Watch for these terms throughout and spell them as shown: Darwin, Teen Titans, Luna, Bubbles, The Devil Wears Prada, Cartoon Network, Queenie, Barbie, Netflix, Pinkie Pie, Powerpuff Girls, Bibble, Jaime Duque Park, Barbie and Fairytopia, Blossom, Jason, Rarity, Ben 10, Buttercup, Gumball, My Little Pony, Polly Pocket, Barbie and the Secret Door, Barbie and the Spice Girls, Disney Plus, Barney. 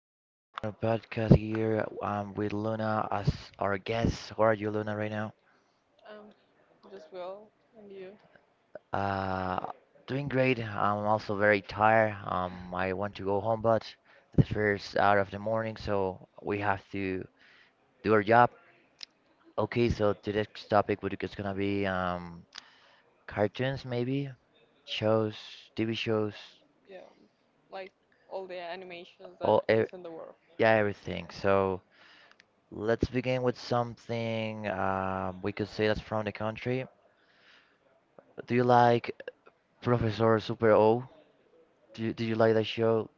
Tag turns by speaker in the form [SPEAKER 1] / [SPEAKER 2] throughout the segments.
[SPEAKER 1] today we're with a podcast here. I'm with Luna as our guest. How are you, Luna, right now?
[SPEAKER 2] Um, just will and you,
[SPEAKER 1] Uh, Doing great. I'm also very tired. I want to go home, but the first hour of the morning, so we have to do our job. Okay, so today's topic would is gonna be cartoons, maybe shows, TV shows,
[SPEAKER 2] yeah, like all the animations that
[SPEAKER 1] all e
[SPEAKER 2] is in the world.
[SPEAKER 1] yeah, everything. So, let's begin with something, we could say that's from the country. Do you like Professor Super O? Do you like that show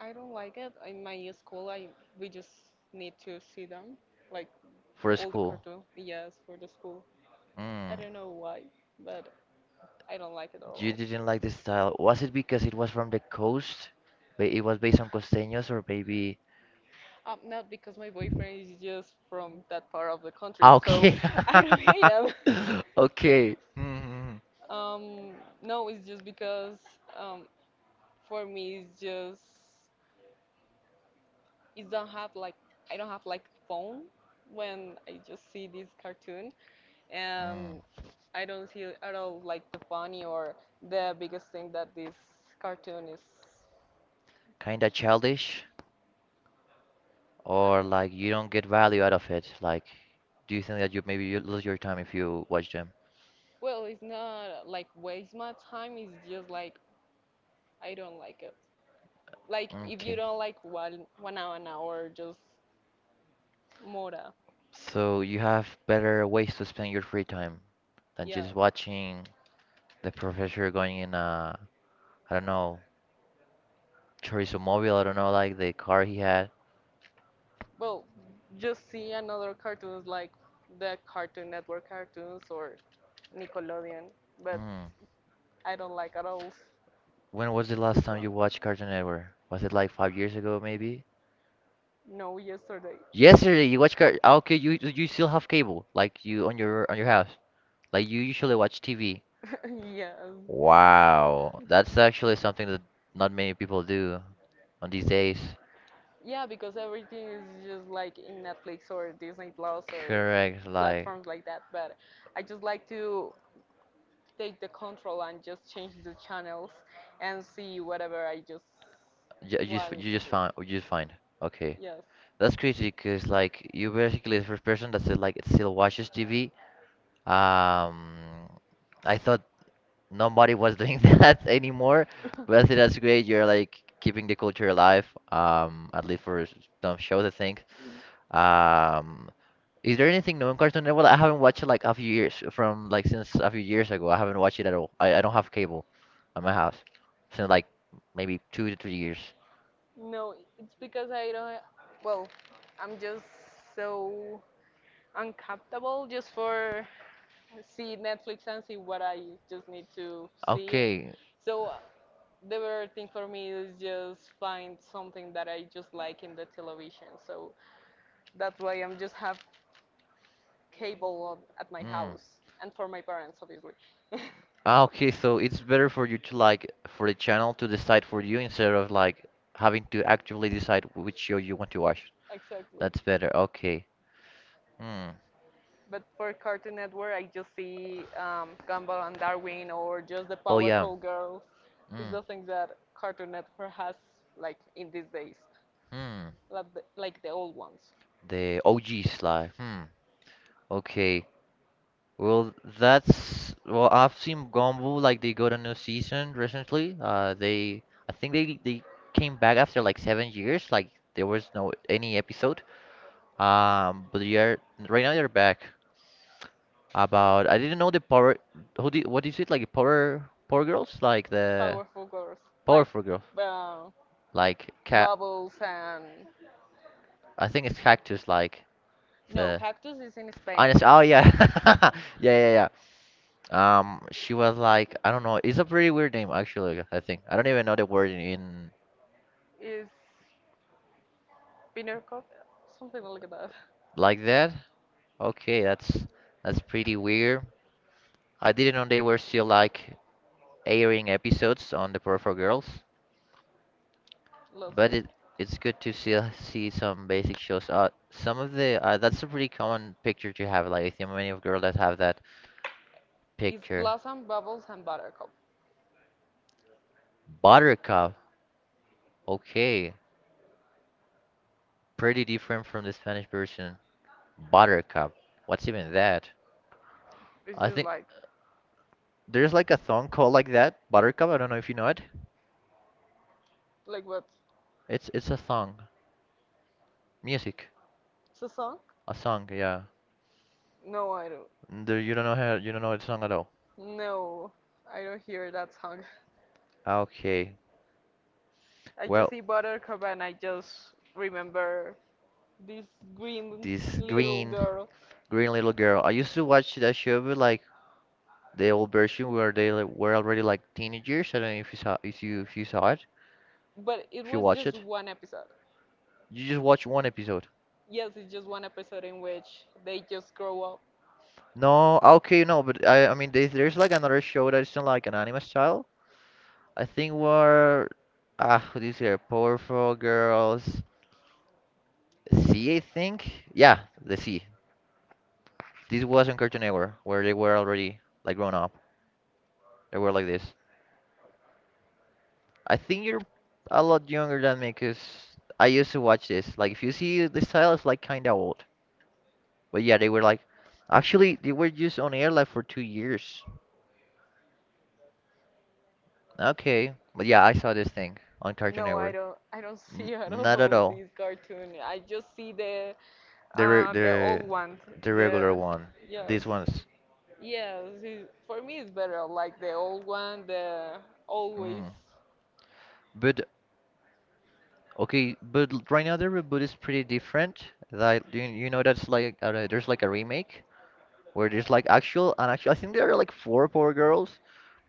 [SPEAKER 2] I don't like it. In my school, I we just need to see them, like
[SPEAKER 1] for
[SPEAKER 2] all the
[SPEAKER 1] school?
[SPEAKER 2] cartoon. Yes, for the school. I
[SPEAKER 1] Mm,
[SPEAKER 2] don't know why, but I don't like it at
[SPEAKER 1] you
[SPEAKER 2] all.
[SPEAKER 1] didn't like the style. Was it because it was from the coast? It was based on costeños or maybe...
[SPEAKER 2] Not because my boyfriend is just from that part of the country,
[SPEAKER 1] Ah,
[SPEAKER 2] so
[SPEAKER 1] okay.
[SPEAKER 2] I don't hate him.
[SPEAKER 1] Okay. Mm-hmm.
[SPEAKER 2] Um, no, it's just because um, for me it's just is don't have like I don't have like phone when I just see this cartoon,
[SPEAKER 1] Mm,
[SPEAKER 2] and I don't see at all like the funny or the biggest thing that this cartoon is.
[SPEAKER 1] kind of childish,
[SPEAKER 2] I
[SPEAKER 1] or
[SPEAKER 2] don't know.
[SPEAKER 1] like you don't get value out of it? Like, do you think that you maybe you lose your time if you watch them?
[SPEAKER 2] Well, it's not like waste my time. It's just like I don't like it. Like if you
[SPEAKER 1] Okay.
[SPEAKER 2] don't like one hour an hour, just mora.
[SPEAKER 1] So you have better ways to spend your free time than
[SPEAKER 2] Yeah.
[SPEAKER 1] just watching the professor going in a, I don't know, chorizo mobile, I don't know, like the car he had.
[SPEAKER 2] Well, just see another cartoons like the Cartoon Network cartoons or Nickelodeon, but
[SPEAKER 1] Mm.
[SPEAKER 2] I don't like at all
[SPEAKER 1] When was the last
[SPEAKER 2] this
[SPEAKER 1] time
[SPEAKER 2] one.
[SPEAKER 1] you watched Cartoon Network? Was it like 5 years ago, maybe?
[SPEAKER 2] No, yesterday.
[SPEAKER 1] Yesterday you watched Okay, you still have cable, like you on your house. Like you usually watch TV.
[SPEAKER 2] Yeah.
[SPEAKER 1] Wow, that's actually something that not many people do on these days.
[SPEAKER 2] Yeah, because everything is just like in Netflix or Disney Plus or
[SPEAKER 1] Correct, like
[SPEAKER 2] platforms like that, but I just like to take the control and just change the channels and see whatever I just,
[SPEAKER 1] you
[SPEAKER 2] yeah,
[SPEAKER 1] you
[SPEAKER 2] to
[SPEAKER 1] just
[SPEAKER 2] do.
[SPEAKER 1] find you just find. Okay,
[SPEAKER 2] Yes.
[SPEAKER 1] that's crazy because like you basically the first person that said like it still watches TV. Um, I thought nobody was doing that anymore, but I think that's great. You're like keeping the culture alive. At least for some shows, I think. Um, is there anything new on Cartoon Network? I haven't watched it like a few years from like since a few years ago. I haven't watched it at all. I don't have cable at my house since like maybe 2 to 3 years.
[SPEAKER 2] No, it's because I don't. Well, I'm just so uncomfortable just for see Netflix and see what I just need to see.
[SPEAKER 1] Okay.
[SPEAKER 2] So the better thing for me is just find something that I just like in the television. So that's why I'm just have cable on, at my
[SPEAKER 1] Mm.
[SPEAKER 2] house and for my parents, obviously.
[SPEAKER 1] Ah, okay, so it's better for you to like for the channel to decide for you instead of like having to actively decide which show you want to watch.
[SPEAKER 2] Exactly.
[SPEAKER 1] That's better. Okay. Hmm.
[SPEAKER 2] But for Cartoon Network, I just see Gumball and Darwin or just the
[SPEAKER 1] Oh yeah.
[SPEAKER 2] Powerful Girls. It's
[SPEAKER 1] Mm,
[SPEAKER 2] the things that Cartoon Network has like in these days,
[SPEAKER 1] hmm.
[SPEAKER 2] like the old ones.
[SPEAKER 1] The OG slide. Hmm. Okay. Well, well. I've seen Gumball like they got a new season recently. They I think they came back after like 7 years. Like there was no any episode. But they are right now they're back. About, I didn't know the power. Who did what is it like power girls, like the
[SPEAKER 2] Powerful Girls, like
[SPEAKER 1] powerful girls
[SPEAKER 2] uh,
[SPEAKER 1] like cat.
[SPEAKER 2] Bubbles and
[SPEAKER 1] I think it's cactus like
[SPEAKER 2] no,
[SPEAKER 1] the.
[SPEAKER 2] Cactus is in
[SPEAKER 1] Honest.
[SPEAKER 2] Spain.
[SPEAKER 1] Oh yeah. Yeah, yeah, yeah. She was like, I don't know. It's a pretty weird name, actually. I think I don't even know the word in
[SPEAKER 2] Is Buttercup something like that?
[SPEAKER 1] like that. Okay, that's pretty weird. I didn't know they were still like airing episodes on the Power for Girls,
[SPEAKER 2] Love
[SPEAKER 1] but
[SPEAKER 2] it.
[SPEAKER 1] it it's good to see see some basic shows. Some of the that's a pretty common picture to have. Like I think many of girls that have that
[SPEAKER 2] It's
[SPEAKER 1] picture.
[SPEAKER 2] Blossom, Bubbles, and Buttercup.
[SPEAKER 1] Buttercup. Okay, pretty different from the Spanish version. Buttercup. What's even that?
[SPEAKER 2] It's
[SPEAKER 1] I
[SPEAKER 2] just
[SPEAKER 1] think.
[SPEAKER 2] like
[SPEAKER 1] There's like a song called like that, Buttercup. I don't know if you know it.
[SPEAKER 2] what?
[SPEAKER 1] It's a song, music,
[SPEAKER 2] It's a song?
[SPEAKER 1] a song. Yeah.
[SPEAKER 2] No, I don't.
[SPEAKER 1] Do you don't know how you don't know the song at all?
[SPEAKER 2] No, I don't hear that song.
[SPEAKER 1] Okay.
[SPEAKER 2] I just
[SPEAKER 1] Well,
[SPEAKER 2] see Buttercup and I just remember this green
[SPEAKER 1] this
[SPEAKER 2] little
[SPEAKER 1] green
[SPEAKER 2] girl.
[SPEAKER 1] green little girl. I used to watch that show, but like the old version where they like, were already like teenagers. I don't know if you saw if you saw it,
[SPEAKER 2] But it
[SPEAKER 1] if you
[SPEAKER 2] was
[SPEAKER 1] watch
[SPEAKER 2] just
[SPEAKER 1] it.
[SPEAKER 2] one episode.
[SPEAKER 1] You just watch one episode.
[SPEAKER 2] Yes, it's just one episode in which they just grow up.
[SPEAKER 1] No, okay, no, but I mean there's like another show that's in like an anime style. I think were how do you say Powerful Girls C, I think. Yeah, the C. This was on Cartoon Network where they were already like grown up. They were like this. I think you're a lot younger than me because I used to watch this. Like if you see the style is like kinda old. But yeah, they were like actually they were just on air like for 2 years. Okay. But yeah, I saw this thing on Cartoon
[SPEAKER 2] No, I
[SPEAKER 1] Network.
[SPEAKER 2] don't. I don't see at
[SPEAKER 1] Not at
[SPEAKER 2] all
[SPEAKER 1] all.
[SPEAKER 2] this cartoon. I just see the
[SPEAKER 1] The re-
[SPEAKER 2] uh, the
[SPEAKER 1] the
[SPEAKER 2] old one.
[SPEAKER 1] the regular
[SPEAKER 2] The
[SPEAKER 1] one.
[SPEAKER 2] Yes,
[SPEAKER 1] These ones.
[SPEAKER 2] yes. It, for me, it's better like the old one. The always
[SPEAKER 1] Mm. But okay, but right now the reboot is pretty different. Like you know that's like there's like a remake where there's like actual and actual. I think there are like four Power Girls,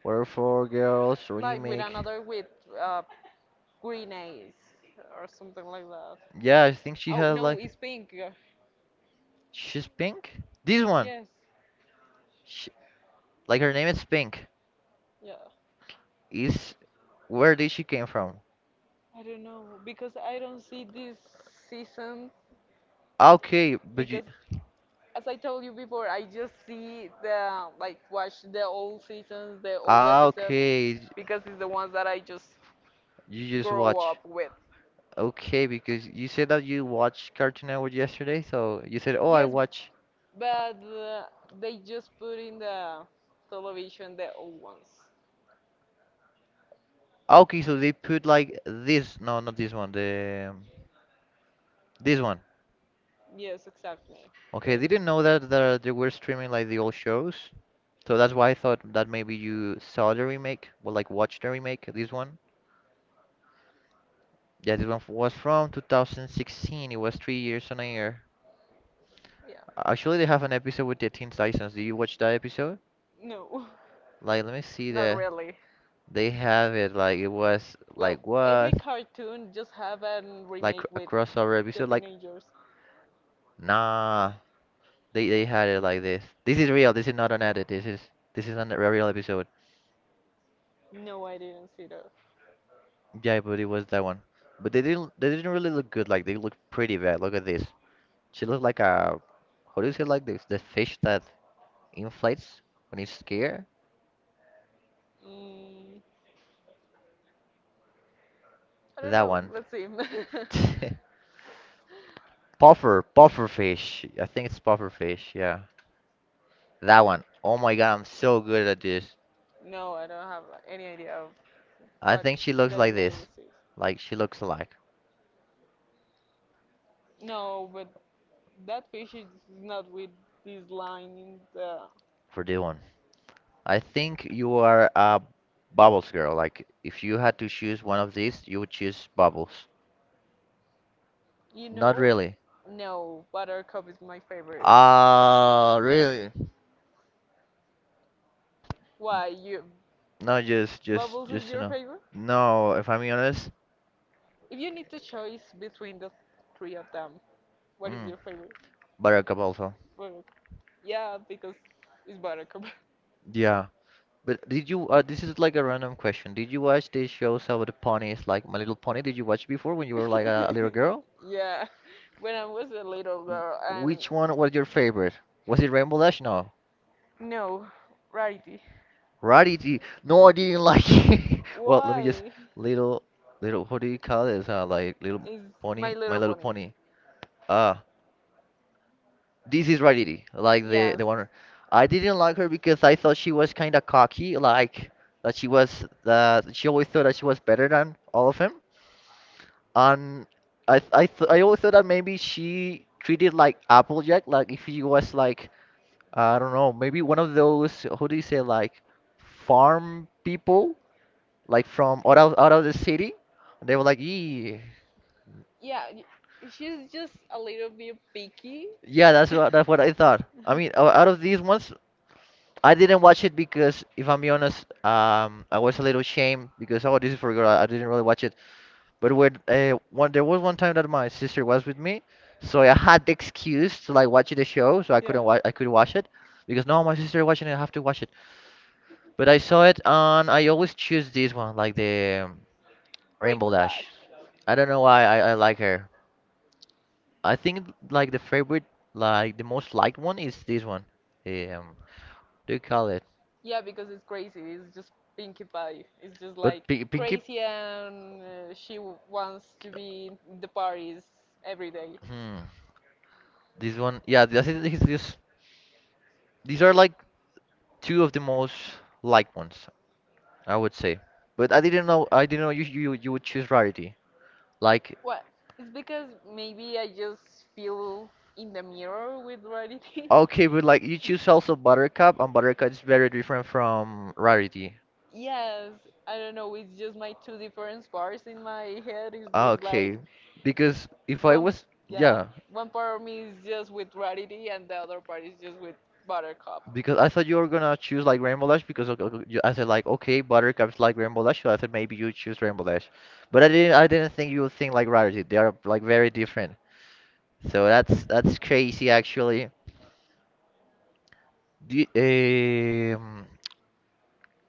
[SPEAKER 1] or four girls
[SPEAKER 2] like with
[SPEAKER 1] remake.
[SPEAKER 2] another with uh, Grenache or something like that.
[SPEAKER 1] Yeah, I think she
[SPEAKER 2] Oh
[SPEAKER 1] has
[SPEAKER 2] no,
[SPEAKER 1] like
[SPEAKER 2] it's pink. Yeah.
[SPEAKER 1] she's pink. This one,
[SPEAKER 2] Yes,
[SPEAKER 1] she, like her name is Pink.
[SPEAKER 2] yeah.
[SPEAKER 1] Is, where did she came from?
[SPEAKER 2] I don't know because I don't see this season,
[SPEAKER 1] Ah, okay, but you.
[SPEAKER 2] because as I told you before, I just see the like watch the old seasons, the old
[SPEAKER 1] Ah,
[SPEAKER 2] episodes,
[SPEAKER 1] okay.
[SPEAKER 2] because it's the ones that I just
[SPEAKER 1] You just
[SPEAKER 2] grow
[SPEAKER 1] watch.
[SPEAKER 2] up with.
[SPEAKER 1] Okay, because you said that you watched Cartoon Network yesterday, so you said, "Oh, I
[SPEAKER 2] Yes.
[SPEAKER 1] watch."
[SPEAKER 2] But they just put in the television the old ones.
[SPEAKER 1] Ah, okay, so they put like this. No, not this one. The this one.
[SPEAKER 2] Yes, exactly.
[SPEAKER 1] Okay,
[SPEAKER 2] They,
[SPEAKER 1] they didn't know that that they were streaming like the old shows, so that's why I thought that maybe you saw the remake, or like watched the remake. This one. Yeah, this one was from 2016. It was 3 years on air.
[SPEAKER 2] yeah,
[SPEAKER 1] Actually, they have an episode with the Teen Titans. Do you watch that episode?
[SPEAKER 2] no,
[SPEAKER 1] Like, let me see
[SPEAKER 2] not
[SPEAKER 1] that.
[SPEAKER 2] really.
[SPEAKER 1] They have it. Like, it was
[SPEAKER 2] Well,
[SPEAKER 1] like
[SPEAKER 2] every
[SPEAKER 1] what?
[SPEAKER 2] cartoon just have a like
[SPEAKER 1] Like
[SPEAKER 2] remake
[SPEAKER 1] a
[SPEAKER 2] with
[SPEAKER 1] crossover
[SPEAKER 2] the
[SPEAKER 1] episode. Like,
[SPEAKER 2] teenagers.
[SPEAKER 1] nah. They had it like this. This is real. This is not an edit. This is a real episode.
[SPEAKER 2] No, I didn't see that.
[SPEAKER 1] Yeah, but it was that one. But they didn't really look good. Like, they look pretty bad. Look at this. She looked like a how do you say like the fish that inflates when it's scared?
[SPEAKER 2] Mm, I don't yeah
[SPEAKER 1] That
[SPEAKER 2] know.
[SPEAKER 1] one.
[SPEAKER 2] Let's see.
[SPEAKER 1] Puffer fish. I think it's puffer fish. Yeah, that one. Oh my god, I'm so good at this.
[SPEAKER 2] No, I don't have any idea of
[SPEAKER 1] I
[SPEAKER 2] what
[SPEAKER 1] think she looks
[SPEAKER 2] the
[SPEAKER 1] like
[SPEAKER 2] name
[SPEAKER 1] this.
[SPEAKER 2] is.
[SPEAKER 1] Like she looks alike
[SPEAKER 2] No, but that fish is not with this line in the.
[SPEAKER 1] for this one. I think you are a Bubbles girl. Like if you had to choose one of these, you would choose Bubbles.
[SPEAKER 2] You know,
[SPEAKER 1] Not
[SPEAKER 2] really.
[SPEAKER 1] really.
[SPEAKER 2] No, Buttercup is my favorite.
[SPEAKER 1] Ah, really?
[SPEAKER 2] Why you?
[SPEAKER 1] No,
[SPEAKER 2] Bubbles is
[SPEAKER 1] just you
[SPEAKER 2] your
[SPEAKER 1] know.
[SPEAKER 2] favorite?
[SPEAKER 1] No, if I'm being honest,
[SPEAKER 2] If you need to choose between the three of them, what is
[SPEAKER 1] mm,
[SPEAKER 2] your favorite?
[SPEAKER 1] Buttercup also.
[SPEAKER 2] Well, yeah, because it's Buttercup.
[SPEAKER 1] Yeah. But did you? This is like a random question. Did you watch these shows about the ponies, like My Little Pony? Did you watch before when you were like a little girl?
[SPEAKER 2] Yeah, when I was a little
[SPEAKER 1] W-
[SPEAKER 2] girl, and
[SPEAKER 1] Which one was your favorite? Was it Rainbow Dash? No.
[SPEAKER 2] no, Rarity.
[SPEAKER 1] Rarity. No, I didn't like it. Well, let me just
[SPEAKER 2] Why
[SPEAKER 1] little little. What do you call this? Like Little
[SPEAKER 2] is My
[SPEAKER 1] Pony, My
[SPEAKER 2] Little
[SPEAKER 1] Little
[SPEAKER 2] Pony?
[SPEAKER 1] Pony. Ah, this is Rarity. Like the
[SPEAKER 2] Yes,
[SPEAKER 1] the one. I didn't like her because I thought she was kind of cocky, like that she was she always thought that she was better than all of them. And I always thought that maybe she treated like Applejack, like if she was like I don't know, maybe one of those who do you say like farm people, like from out of the city. And they were like, yeah,
[SPEAKER 2] yeah, she's just a little bit picky.
[SPEAKER 1] yeah, that's what I thought. I mean, out of these ones, I didn't watch it because if I'm be honest, I was a little ashamed because oh, this is for girl. I didn't really watch it. But when one there was one time that my sister was with me, so I had the excuse to like watch the show, so
[SPEAKER 2] Yeah,
[SPEAKER 1] I could not watch it because no, my sister watching it, I have to watch it. But I saw it and I always choose this one, like the Rainbow
[SPEAKER 2] Rainbow
[SPEAKER 1] Dash.
[SPEAKER 2] Dash.
[SPEAKER 1] I don't know why I like her. I think like the favorite, like the most liked one is this one. Um, do you call it?
[SPEAKER 2] Yeah, because it's crazy. It's just Pinkie Pie. It's just like
[SPEAKER 1] But Pinky,
[SPEAKER 2] crazy, and she wants to be in the parties every day.
[SPEAKER 1] hmm, this one, yeah, this, these are like two of the most liked ones. I would say. But I didn't know you would choose rarity. Like
[SPEAKER 2] Well, it's because maybe I just feel in the mirror with reality.
[SPEAKER 1] okay, but like you choose also Buttercup and Buttercup is very different from rarity.
[SPEAKER 2] Yes, I don't know. It's just my two different parts in my head. It's
[SPEAKER 1] Ah,
[SPEAKER 2] just like
[SPEAKER 1] okay. Because if I
[SPEAKER 2] one,
[SPEAKER 1] was
[SPEAKER 2] yeah,
[SPEAKER 1] yeah,
[SPEAKER 2] one part of me is just with reality, and the other part is just with Buttercup.
[SPEAKER 1] because I thought you were gonna choose like Rainbow Dash because you- I said like okay, Buttercup's like Rainbow Dash, so I thought maybe you choose Rainbow Dash. But I didn't think you would think like rarity. They are like very different. So that's crazy actually. Do you, um,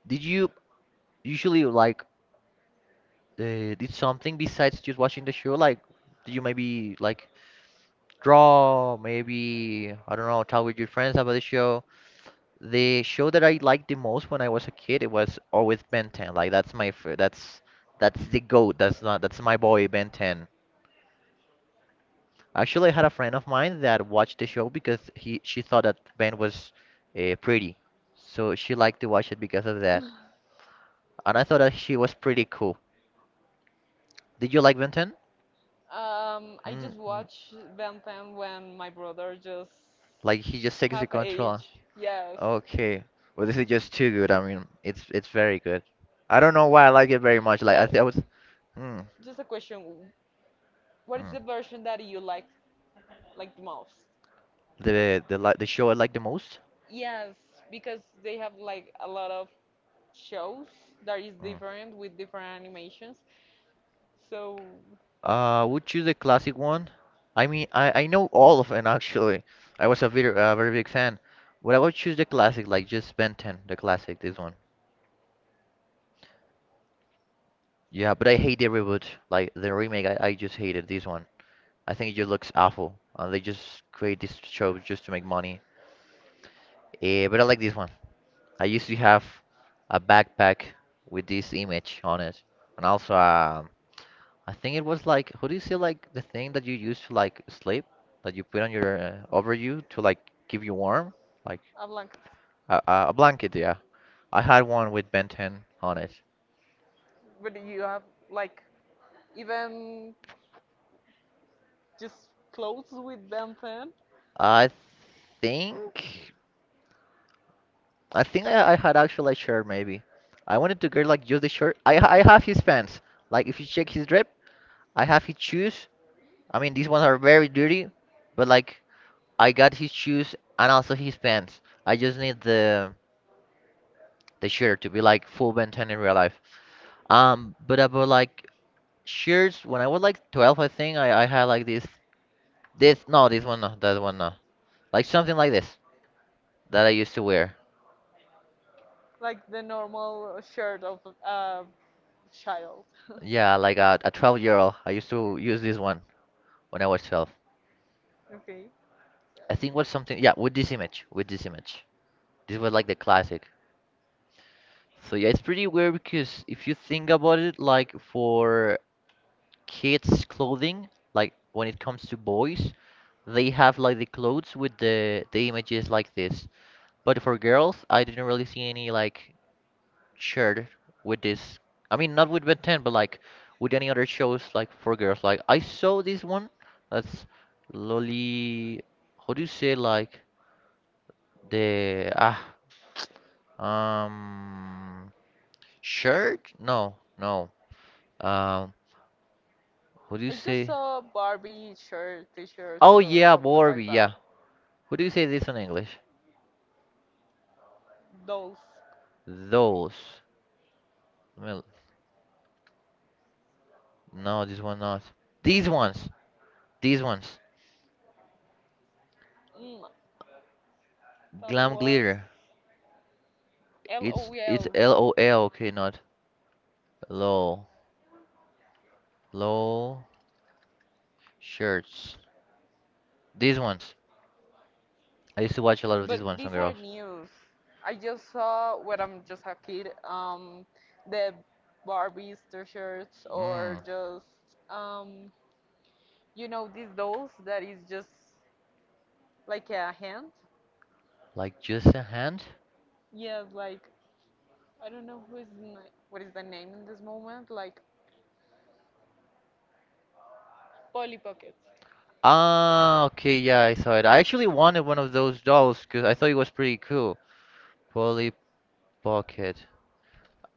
[SPEAKER 1] did you usually like did something besides just watching the show? Like, do you maybe like draw? Maybe I don't know, talk with your friends about the show. The show that I liked the most when I was a kid, it was always Ben 10. Like that's my f that's the goat. That's not that's my boy Ben 10. Actually, I had a friend of mine that watched the show because he she thought that Ben was pretty, so she liked to watch it because of that. And I thought that she was pretty cool. Did you like Ben 10?
[SPEAKER 2] I
[SPEAKER 1] Mm,
[SPEAKER 2] just
[SPEAKER 1] mm.
[SPEAKER 2] watch Ben 10 when my brother just
[SPEAKER 1] Like he just takes the
[SPEAKER 2] half
[SPEAKER 1] control.
[SPEAKER 2] age. Yes.
[SPEAKER 1] Okay. Well, this is just too good. I mean, it's very good. I don't know why I like it very much. Like I
[SPEAKER 2] But
[SPEAKER 1] think I was mm,
[SPEAKER 2] just a question, what is
[SPEAKER 1] mm.
[SPEAKER 2] the version that you like the most?
[SPEAKER 1] The like the show I like the most.
[SPEAKER 2] Yes, because they have like a lot of shows that is
[SPEAKER 1] Mm.
[SPEAKER 2] different with different animations. So
[SPEAKER 1] Would choose the classic one. I mean, I know all of them actually. I was a very very big fan. But I would choose the classic, like just Ben 10, the classic, this one. Yeah, but I hate the reboot, like the remake. I just hated this one. I think it just looks awful. They just create these shows just to make money. But I like this one. I used to have a backpack with this image on it, and also I think it was like, how do you say like the thing that you use to like sleep, that you put on your over you to like keep you warm, like
[SPEAKER 2] I'm like,
[SPEAKER 1] a blanket. Yeah, I had one with Ben 10 on it.
[SPEAKER 2] but you have like even just clothes with Ben 10?
[SPEAKER 1] I think I think I had actually a shirt maybe. I wanted to get like just the shirt. I have his pants. Like if you check his drip, I have his shoes. I mean these ones are very dirty, but like I got his shoes and also his pants. I just need the shirt to be like full Ben 10 in real life. But about like shirts, when I was like 12, I think I had like this no this one no that one no like something like this that I used to wear.
[SPEAKER 2] Like the normal shirt of a child.
[SPEAKER 1] Yeah, like a 12-year-old. I used to use this one when I was 12.
[SPEAKER 2] Okay.
[SPEAKER 1] I think was something yeah with this image with this image. This was like the classic. So yeah, it's pretty weird because if you think about it, like for kids' clothing, like when it comes to boys, they have like the clothes with the images like this. But for girls, I didn't really see any like shirt with this. I mean, not with Ben 10, but like with any other shows like for girls. Like I saw this one that's Loli. How do you say like the ah Um, shirt? No, no. Um, what do you
[SPEAKER 2] I just
[SPEAKER 1] say?
[SPEAKER 2] saw Barbie shirt, t-shirts,
[SPEAKER 1] Oh
[SPEAKER 2] or
[SPEAKER 1] yeah,
[SPEAKER 2] something
[SPEAKER 1] Barbie.
[SPEAKER 2] like
[SPEAKER 1] Yeah.
[SPEAKER 2] that.
[SPEAKER 1] What do you say this in English?
[SPEAKER 2] Those.
[SPEAKER 1] Those. Well, no, this one not. These ones. These ones.
[SPEAKER 2] Mm, that
[SPEAKER 1] Glam
[SPEAKER 2] was
[SPEAKER 1] glitter. It's
[SPEAKER 2] LOL.
[SPEAKER 1] LOL. Okay, not low. Low shirts. These ones. I used to watch a lot of these
[SPEAKER 2] But
[SPEAKER 1] ones on
[SPEAKER 2] these are
[SPEAKER 1] girls.
[SPEAKER 2] news. I just saw when I'm just a kid, the Barbies t-shirts or
[SPEAKER 1] Mm.
[SPEAKER 2] just um, these dolls that is just like a hand.
[SPEAKER 1] Like just a hand?
[SPEAKER 2] Yeah, like I don't know what is the name in this moment. Like Polly Pocket.
[SPEAKER 1] Ah, okay, yeah, I saw it. I actually wanted one of those dolls because I thought it was pretty cool. Polly Pocket.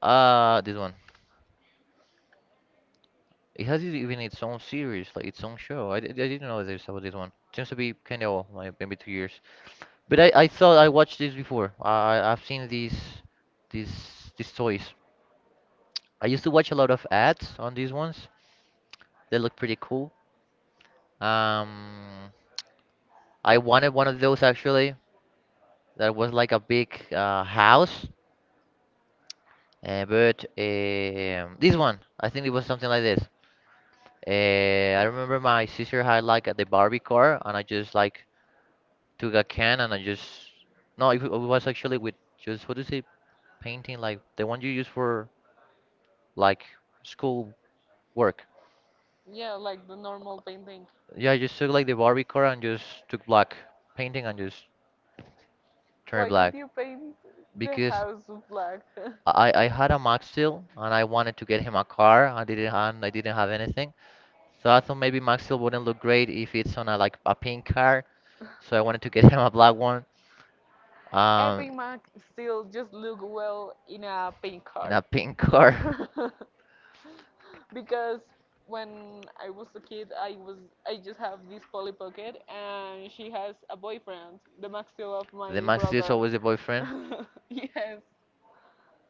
[SPEAKER 1] Ah, this one. It has it even its own series, like its own show. I didn't know this about this one. Seems to be kind of old, like maybe 2 years. But I thought I watched this before. I've seen these these toys. I used to watch a lot of ads on these ones. They look pretty cool. Um, I wanted one of those actually. That was like a big house. But this one, I think it was something like this. I remember my sister had like the Barbie car, and I just like took a can and I just no, it was actually with just what do you say, painting like the one you use for like school work.
[SPEAKER 2] Yeah, like the normal painting.
[SPEAKER 1] Yeah, I just took like the Barbie car and just took black painting and just turned it
[SPEAKER 2] Why did
[SPEAKER 1] black
[SPEAKER 2] you paint the
[SPEAKER 1] because
[SPEAKER 2] house black?
[SPEAKER 1] I had a Max Steel and I wanted to get him a car. I didn't have anything. So I thought maybe Maxwell wouldn't look great if it's on a like a pink car. So I wanted to get him a black one. Um,
[SPEAKER 2] Every Mac still just look well in a paint
[SPEAKER 1] in
[SPEAKER 2] card.
[SPEAKER 1] a pink car.
[SPEAKER 2] Because when I was a kid, I just have this Polly Pocket, and she has a boyfriend, the Maxwell of
[SPEAKER 1] The
[SPEAKER 2] my
[SPEAKER 1] Maxi is
[SPEAKER 2] brother.
[SPEAKER 1] always the boyfriend.
[SPEAKER 2] Yes,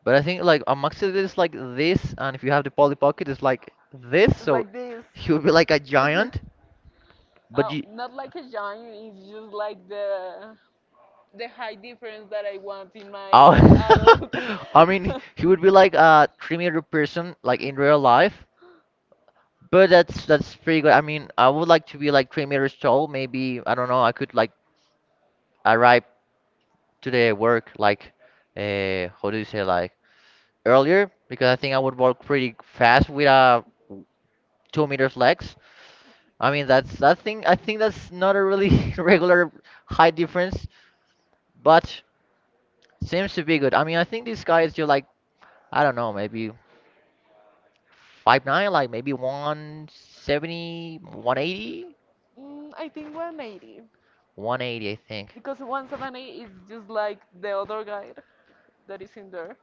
[SPEAKER 1] But I think like a Maxi is like this, and if you have the Polly Pocket, it's like this.
[SPEAKER 2] it's
[SPEAKER 1] So
[SPEAKER 2] like this.
[SPEAKER 1] he would be like a giant. But
[SPEAKER 2] Uh,
[SPEAKER 1] you.
[SPEAKER 2] not like a genre, it's just like the high difference that I want in
[SPEAKER 1] Oh,
[SPEAKER 2] my adult.
[SPEAKER 1] I mean, he would be like a 3 meter person, like in real life. But that's pretty good. I mean, I would like to be like 3 meters tall. Maybe I don't know. I could like arrive to the work like, how do you say like earlier? Because I think I would walk pretty fast with a 2 meters legs. I mean, that's I think that's not a really regular height difference. But seems to be good. I mean, I think this guy is just like I don't know, maybe 5'9", like maybe 1.70, 1.80,
[SPEAKER 2] I think 180
[SPEAKER 1] 1.80, I think.
[SPEAKER 2] because 170 is just like the other guy that is in there,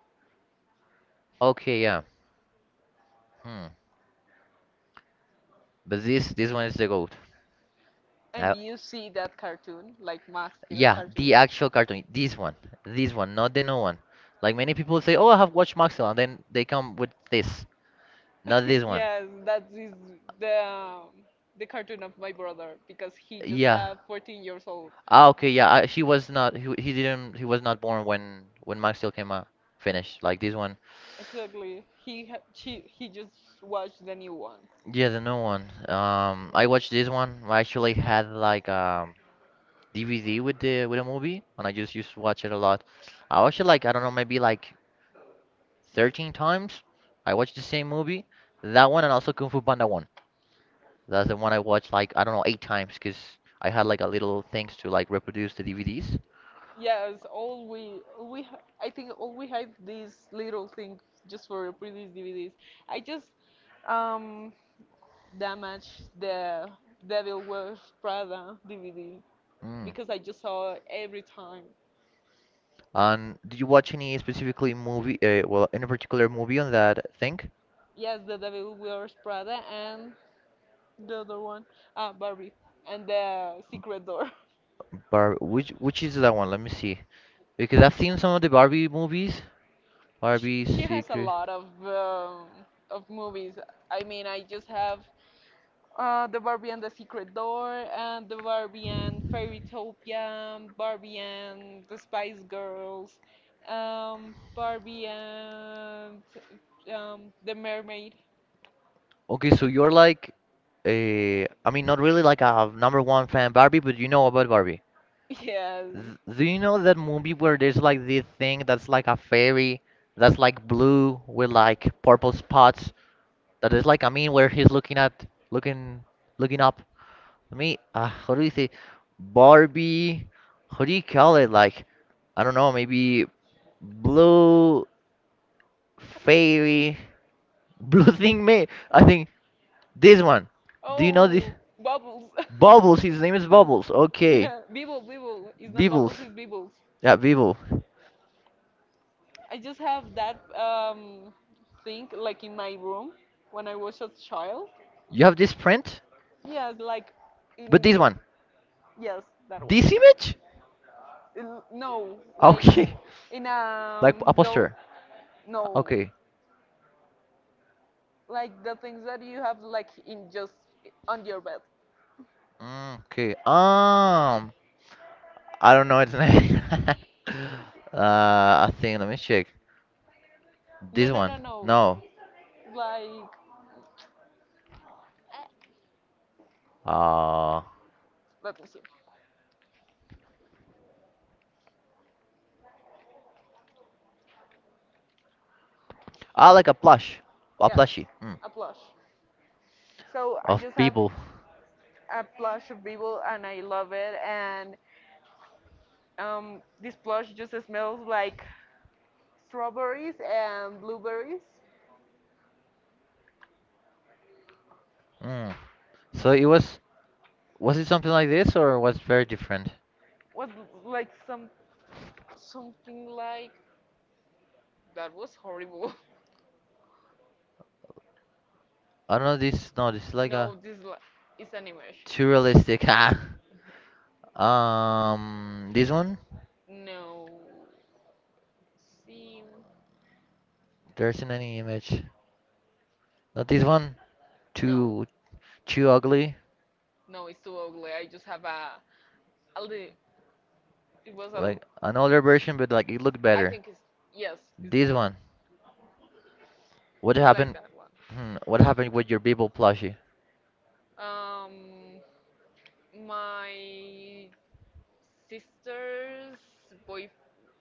[SPEAKER 1] Okay, yeah. Hmm. But this one is the goat.
[SPEAKER 2] and
[SPEAKER 1] Uh,
[SPEAKER 2] you see that cartoon, like Max Steel
[SPEAKER 1] yeah,
[SPEAKER 2] cartoon.
[SPEAKER 1] the actual cartoon. This one, not the new one. Like many people say, oh, I have watched Maxwell, and then they come with this, not this one.
[SPEAKER 2] Yes, that is the um, the cartoon of my brother because he just
[SPEAKER 1] Yeah.
[SPEAKER 2] have 14 years old.
[SPEAKER 1] Ah, okay. Yeah. I, he was not. He didn't. He was not born when Maxwell came out. Finished. Like this one.
[SPEAKER 2] Exactly, he just watched the new one.
[SPEAKER 1] Yeah, the new one. I watched this one. I actually had like DVD with the movie, and I just used to watch it a lot. I watched it like I don't know, maybe like 13 times. I watched the same movie, that one, and also Kung Fu Panda one. That's the one I watched like I don't know eight times, cause I had like a little things to like reproduce the DVDs.
[SPEAKER 2] Yes, all we ha- I think all we had these little things just for previous DVDs. I just um damaged the Devil Wears Prada DVD
[SPEAKER 1] Mm.
[SPEAKER 2] because I just saw it every time.
[SPEAKER 1] And did you watch any specifically movie? Well, any particular movie on that thing?
[SPEAKER 2] Yes, the Devil Wears Prada and the other one, Barbie and the Secret Door.
[SPEAKER 1] Barbie, which is that one? Let me see. Because I've seen some of the Barbie movies.
[SPEAKER 2] She
[SPEAKER 1] Barbie
[SPEAKER 2] she has a
[SPEAKER 1] Secret.
[SPEAKER 2] lot of of movies. I mean, I just have the Barbie and the Secret Door, and the Barbie and Fairytopia, Barbie and the Spice Girls, Barbie and the Mermaid.
[SPEAKER 1] Okay, so you're like I mean, not really like a number one fan Barbie, but you know about Barbie.
[SPEAKER 2] Yes.
[SPEAKER 1] Th- Do you know that movie where there's like this thing that's like a fairy that's like blue with like purple spots? That is like, I mean, where he's looking, looking up. How do you say, Barbie? How do you call it? Like, I don't know, maybe blue fairy, blue thing man. I think this one. Do you know this?
[SPEAKER 2] Oh, Bubbles.
[SPEAKER 1] Bubbles. His name is Bubbles. Okay,
[SPEAKER 2] Yeah, Bibble, Bibble. It's not Bubbles,
[SPEAKER 1] Bibbles.
[SPEAKER 2] it's Bibbles.
[SPEAKER 1] Yeah, Bibble.
[SPEAKER 2] I just have that thing like in my room when I was a child.
[SPEAKER 1] You have this print,
[SPEAKER 2] Yes, like
[SPEAKER 1] but
[SPEAKER 2] in.
[SPEAKER 1] this one,
[SPEAKER 2] Yes, that one.
[SPEAKER 1] this image.
[SPEAKER 2] No, like
[SPEAKER 1] Okay,
[SPEAKER 2] in
[SPEAKER 1] like a
[SPEAKER 2] dough.
[SPEAKER 1] poster.
[SPEAKER 2] No,
[SPEAKER 1] Okay.
[SPEAKER 2] like the things that you have like in just on your bed.
[SPEAKER 1] Okay. I don't know its name. uh, I think. Let me check.
[SPEAKER 2] No,
[SPEAKER 1] This
[SPEAKER 2] no,
[SPEAKER 1] one.
[SPEAKER 2] no, no.
[SPEAKER 1] No.
[SPEAKER 2] Like
[SPEAKER 1] Uh.
[SPEAKER 2] let me see.
[SPEAKER 1] Ah, like a plush, a
[SPEAKER 2] Yes,
[SPEAKER 1] plushie. Mm.
[SPEAKER 2] a plush. So I
[SPEAKER 1] Of
[SPEAKER 2] just have
[SPEAKER 1] people.
[SPEAKER 2] a plush of people and I love it. And this plush just smells like strawberries and blueberries.
[SPEAKER 1] Mm. So it was. Was it something like this or was very different?
[SPEAKER 2] Was like something like that. Was horrible.
[SPEAKER 1] I don't know. This. No. This is like
[SPEAKER 2] No,
[SPEAKER 1] a
[SPEAKER 2] this is an image.
[SPEAKER 1] too realistic. This one.
[SPEAKER 2] No, see,
[SPEAKER 1] There isn't any image. Not this one.
[SPEAKER 2] no,
[SPEAKER 1] Too. Too ugly.
[SPEAKER 2] no, it's too ugly. I just have a li- it was a, l-
[SPEAKER 1] Like an older version, but like it looked
[SPEAKER 2] I
[SPEAKER 1] better.
[SPEAKER 2] think it's, yes, it's this.
[SPEAKER 1] This one. What
[SPEAKER 2] It's like
[SPEAKER 1] happened?
[SPEAKER 2] that one.
[SPEAKER 1] Hmm, what happened with your Bebo plushie?
[SPEAKER 2] Um, my sister's boy,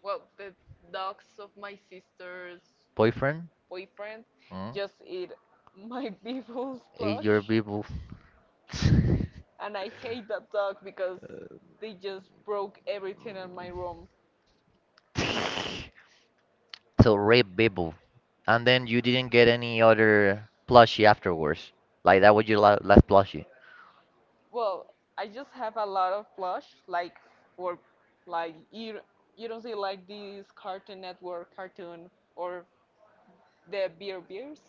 [SPEAKER 2] well, the dogs of my sister's
[SPEAKER 1] Boyfriend?
[SPEAKER 2] boyfriend
[SPEAKER 1] Hmm?
[SPEAKER 2] just eat my people's
[SPEAKER 1] Ate your
[SPEAKER 2] plush,
[SPEAKER 1] Bebo. So
[SPEAKER 2] and I hate that dog because they just broke everything in my room.
[SPEAKER 1] rape Bebo. And then you didn't get any other plushie afterwards. Like that was your la last plushie.
[SPEAKER 2] Well, I just have a lot of plush, like for like you don't see like these Cartoon Network cartoon or the beer beers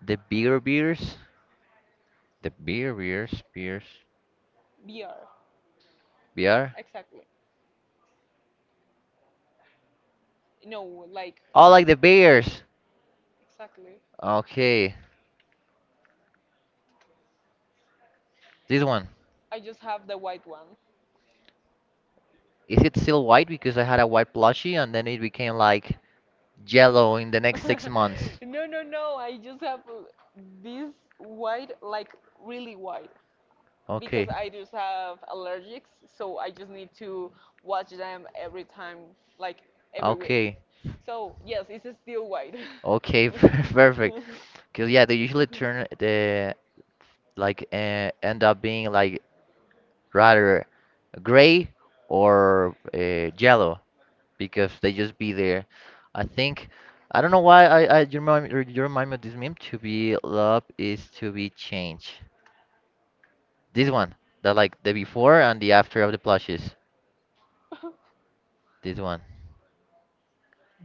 [SPEAKER 1] The beer beers? The beer beers? Beers?
[SPEAKER 2] BR,
[SPEAKER 1] Beer?
[SPEAKER 2] exactly. No, like
[SPEAKER 1] Oh, like the bears!
[SPEAKER 2] exactly.
[SPEAKER 1] Okay. This one.
[SPEAKER 2] I just have the white one.
[SPEAKER 1] Is it still white? Because I had a white plushie and then it became like yellow in the next six months.
[SPEAKER 2] No, no, no. I just have this white, like really white. Because
[SPEAKER 1] Okay.
[SPEAKER 2] I just have allergics, so I just need to watch them every time, like every week.
[SPEAKER 1] Okay,
[SPEAKER 2] So yes, it's still white.
[SPEAKER 1] okay, perfect. Cause yeah, they usually turn the like end up being like rather gray or yellow because they just be there. I think I don't know why I you remind me of this meme to be love is to be changed. This one, the like the before and the after of the plushes. This one.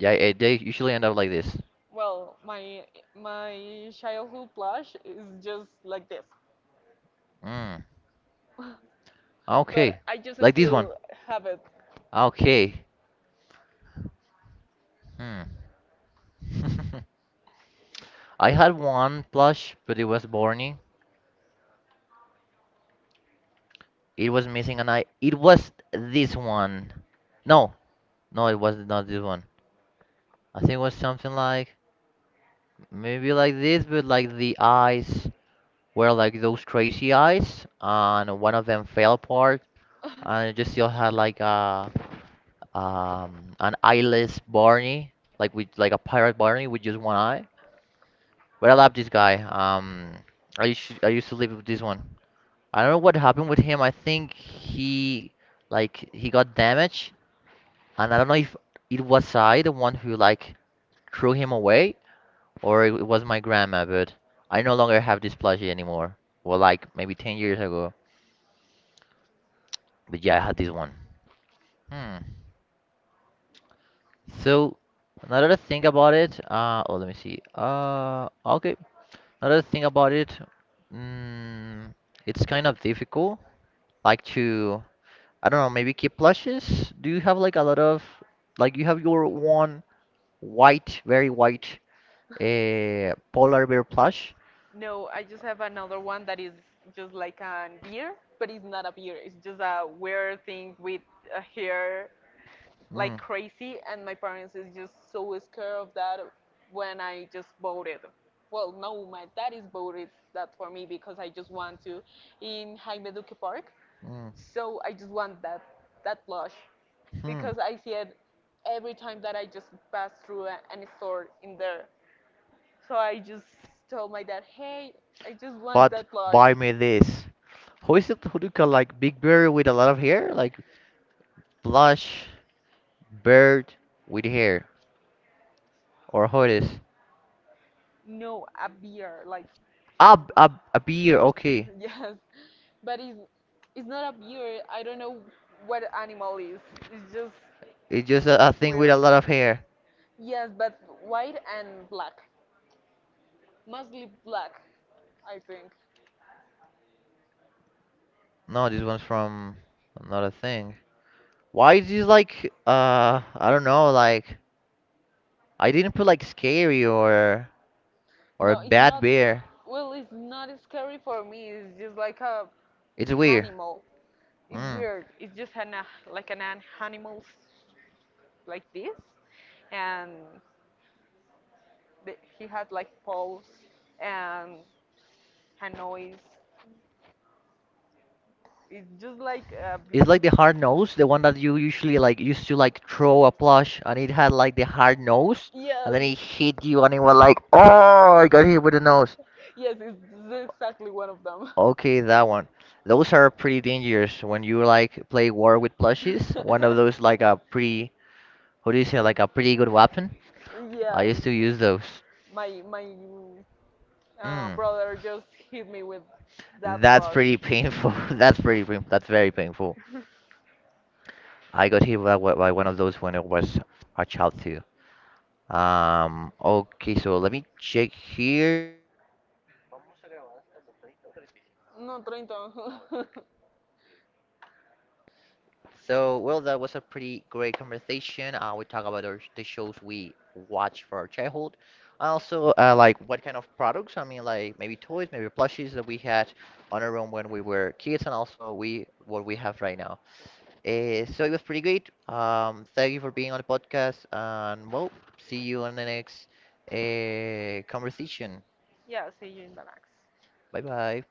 [SPEAKER 1] Yeah, they usually end up like this.
[SPEAKER 2] Well, my childhood plush is just like this,
[SPEAKER 1] Mm.
[SPEAKER 2] but
[SPEAKER 1] Okay.
[SPEAKER 2] I just
[SPEAKER 1] Like this one.
[SPEAKER 2] still have it.
[SPEAKER 1] Okay. Hmm. I had one plush, but it was Barney. It was missing an eye. It was this one. No, no, it was not this one. I think it was something like maybe like this, but like the eyes were like those crazy eyes, and one of them fell apart, and it just still had like a an eyeless Barney, like with like a pirate Barney with just one eye. But I love this guy. I used to live with this one. I don't know what happened with him. I think he like he got damaged, and I don't know if it was I the one who like threw him away or it was my grandma. But I no longer have this plushie anymore. Well, like maybe 10 years ago. But yeah, I had this one. Hmm. So another thing about it. Oh, let me see. Okay. Another thing about it. Mm, it's kind of difficult. Like to I don't know, maybe keep plushes. Do you have like a lot of like you have your one white, very white polar bear plush?
[SPEAKER 2] No, I just have another one that is just like a beer, but it's not a beer. It's just a weird thing with a hair like
[SPEAKER 1] Mm.
[SPEAKER 2] crazy, and my parents is just so scared of that when I just voted. Well, no, my dad is voted that for me because I just want to in Jaime Duque Park. So I just want that blush
[SPEAKER 1] Mhm.
[SPEAKER 2] because I see it every time that I just pass through any store in there. So I just told my dad, hey, I just want what?
[SPEAKER 1] But
[SPEAKER 2] That blush.
[SPEAKER 1] buy me
[SPEAKER 2] What?
[SPEAKER 1] this. Who is it who do call like big bear with a lot of hair? Like plush bird with hair. Or who it is?
[SPEAKER 2] No, a beer, like
[SPEAKER 1] Ah, a bear, okay.
[SPEAKER 2] yes, but it's not a bear. I don't know what animal is. It's just
[SPEAKER 1] It's just a thing with a
[SPEAKER 2] weird.
[SPEAKER 1] lot of hair.
[SPEAKER 2] Yes, but white and black, mostly black, I think.
[SPEAKER 1] No, this one's from another thing. Why is you like I don't know like I didn't put like scary or a
[SPEAKER 2] No, it's
[SPEAKER 1] bad
[SPEAKER 2] not.
[SPEAKER 1] bear.
[SPEAKER 2] Well, it's not scary for me. It's just like a
[SPEAKER 1] It's weird.
[SPEAKER 2] animal. It's
[SPEAKER 1] Mm.
[SPEAKER 2] weird. It's just an animal like this, and he had like paws and a noise. It's just like a
[SPEAKER 1] It's like the hard nose, the one that you usually like used to like throw a plush and it had like the hard nose and then
[SPEAKER 2] yes,
[SPEAKER 1] it hit you and it was like oh I got hit with the nose.
[SPEAKER 2] yes, it's exactly one of them.
[SPEAKER 1] Okay, that one. Those are pretty dangerous when you like play war with plushies. One of those like a pretty, how do you say, like a pretty good weapon. I
[SPEAKER 2] Yes,
[SPEAKER 1] used to use those.
[SPEAKER 2] my
[SPEAKER 1] Mm,
[SPEAKER 2] brother just hit me with that
[SPEAKER 1] that's
[SPEAKER 2] brush.
[SPEAKER 1] pretty painful. That's pretty painful. That's very painful. I got hit by, by one of those when I was a child too. Okay, so let me check here.
[SPEAKER 2] 30 o 35? No, 30.
[SPEAKER 1] So, well, that was a pretty great conversation. We talk about the shows we watch for our childhood. And also, like what kind of products? I mean, like maybe toys, maybe plushies that we had on our own when we were kids, and also we what we have right now. So it was pretty great. Thank you for being on the podcast, and well, see you on the next conversation.
[SPEAKER 2] Yeah, see you in the next.
[SPEAKER 1] Bye bye.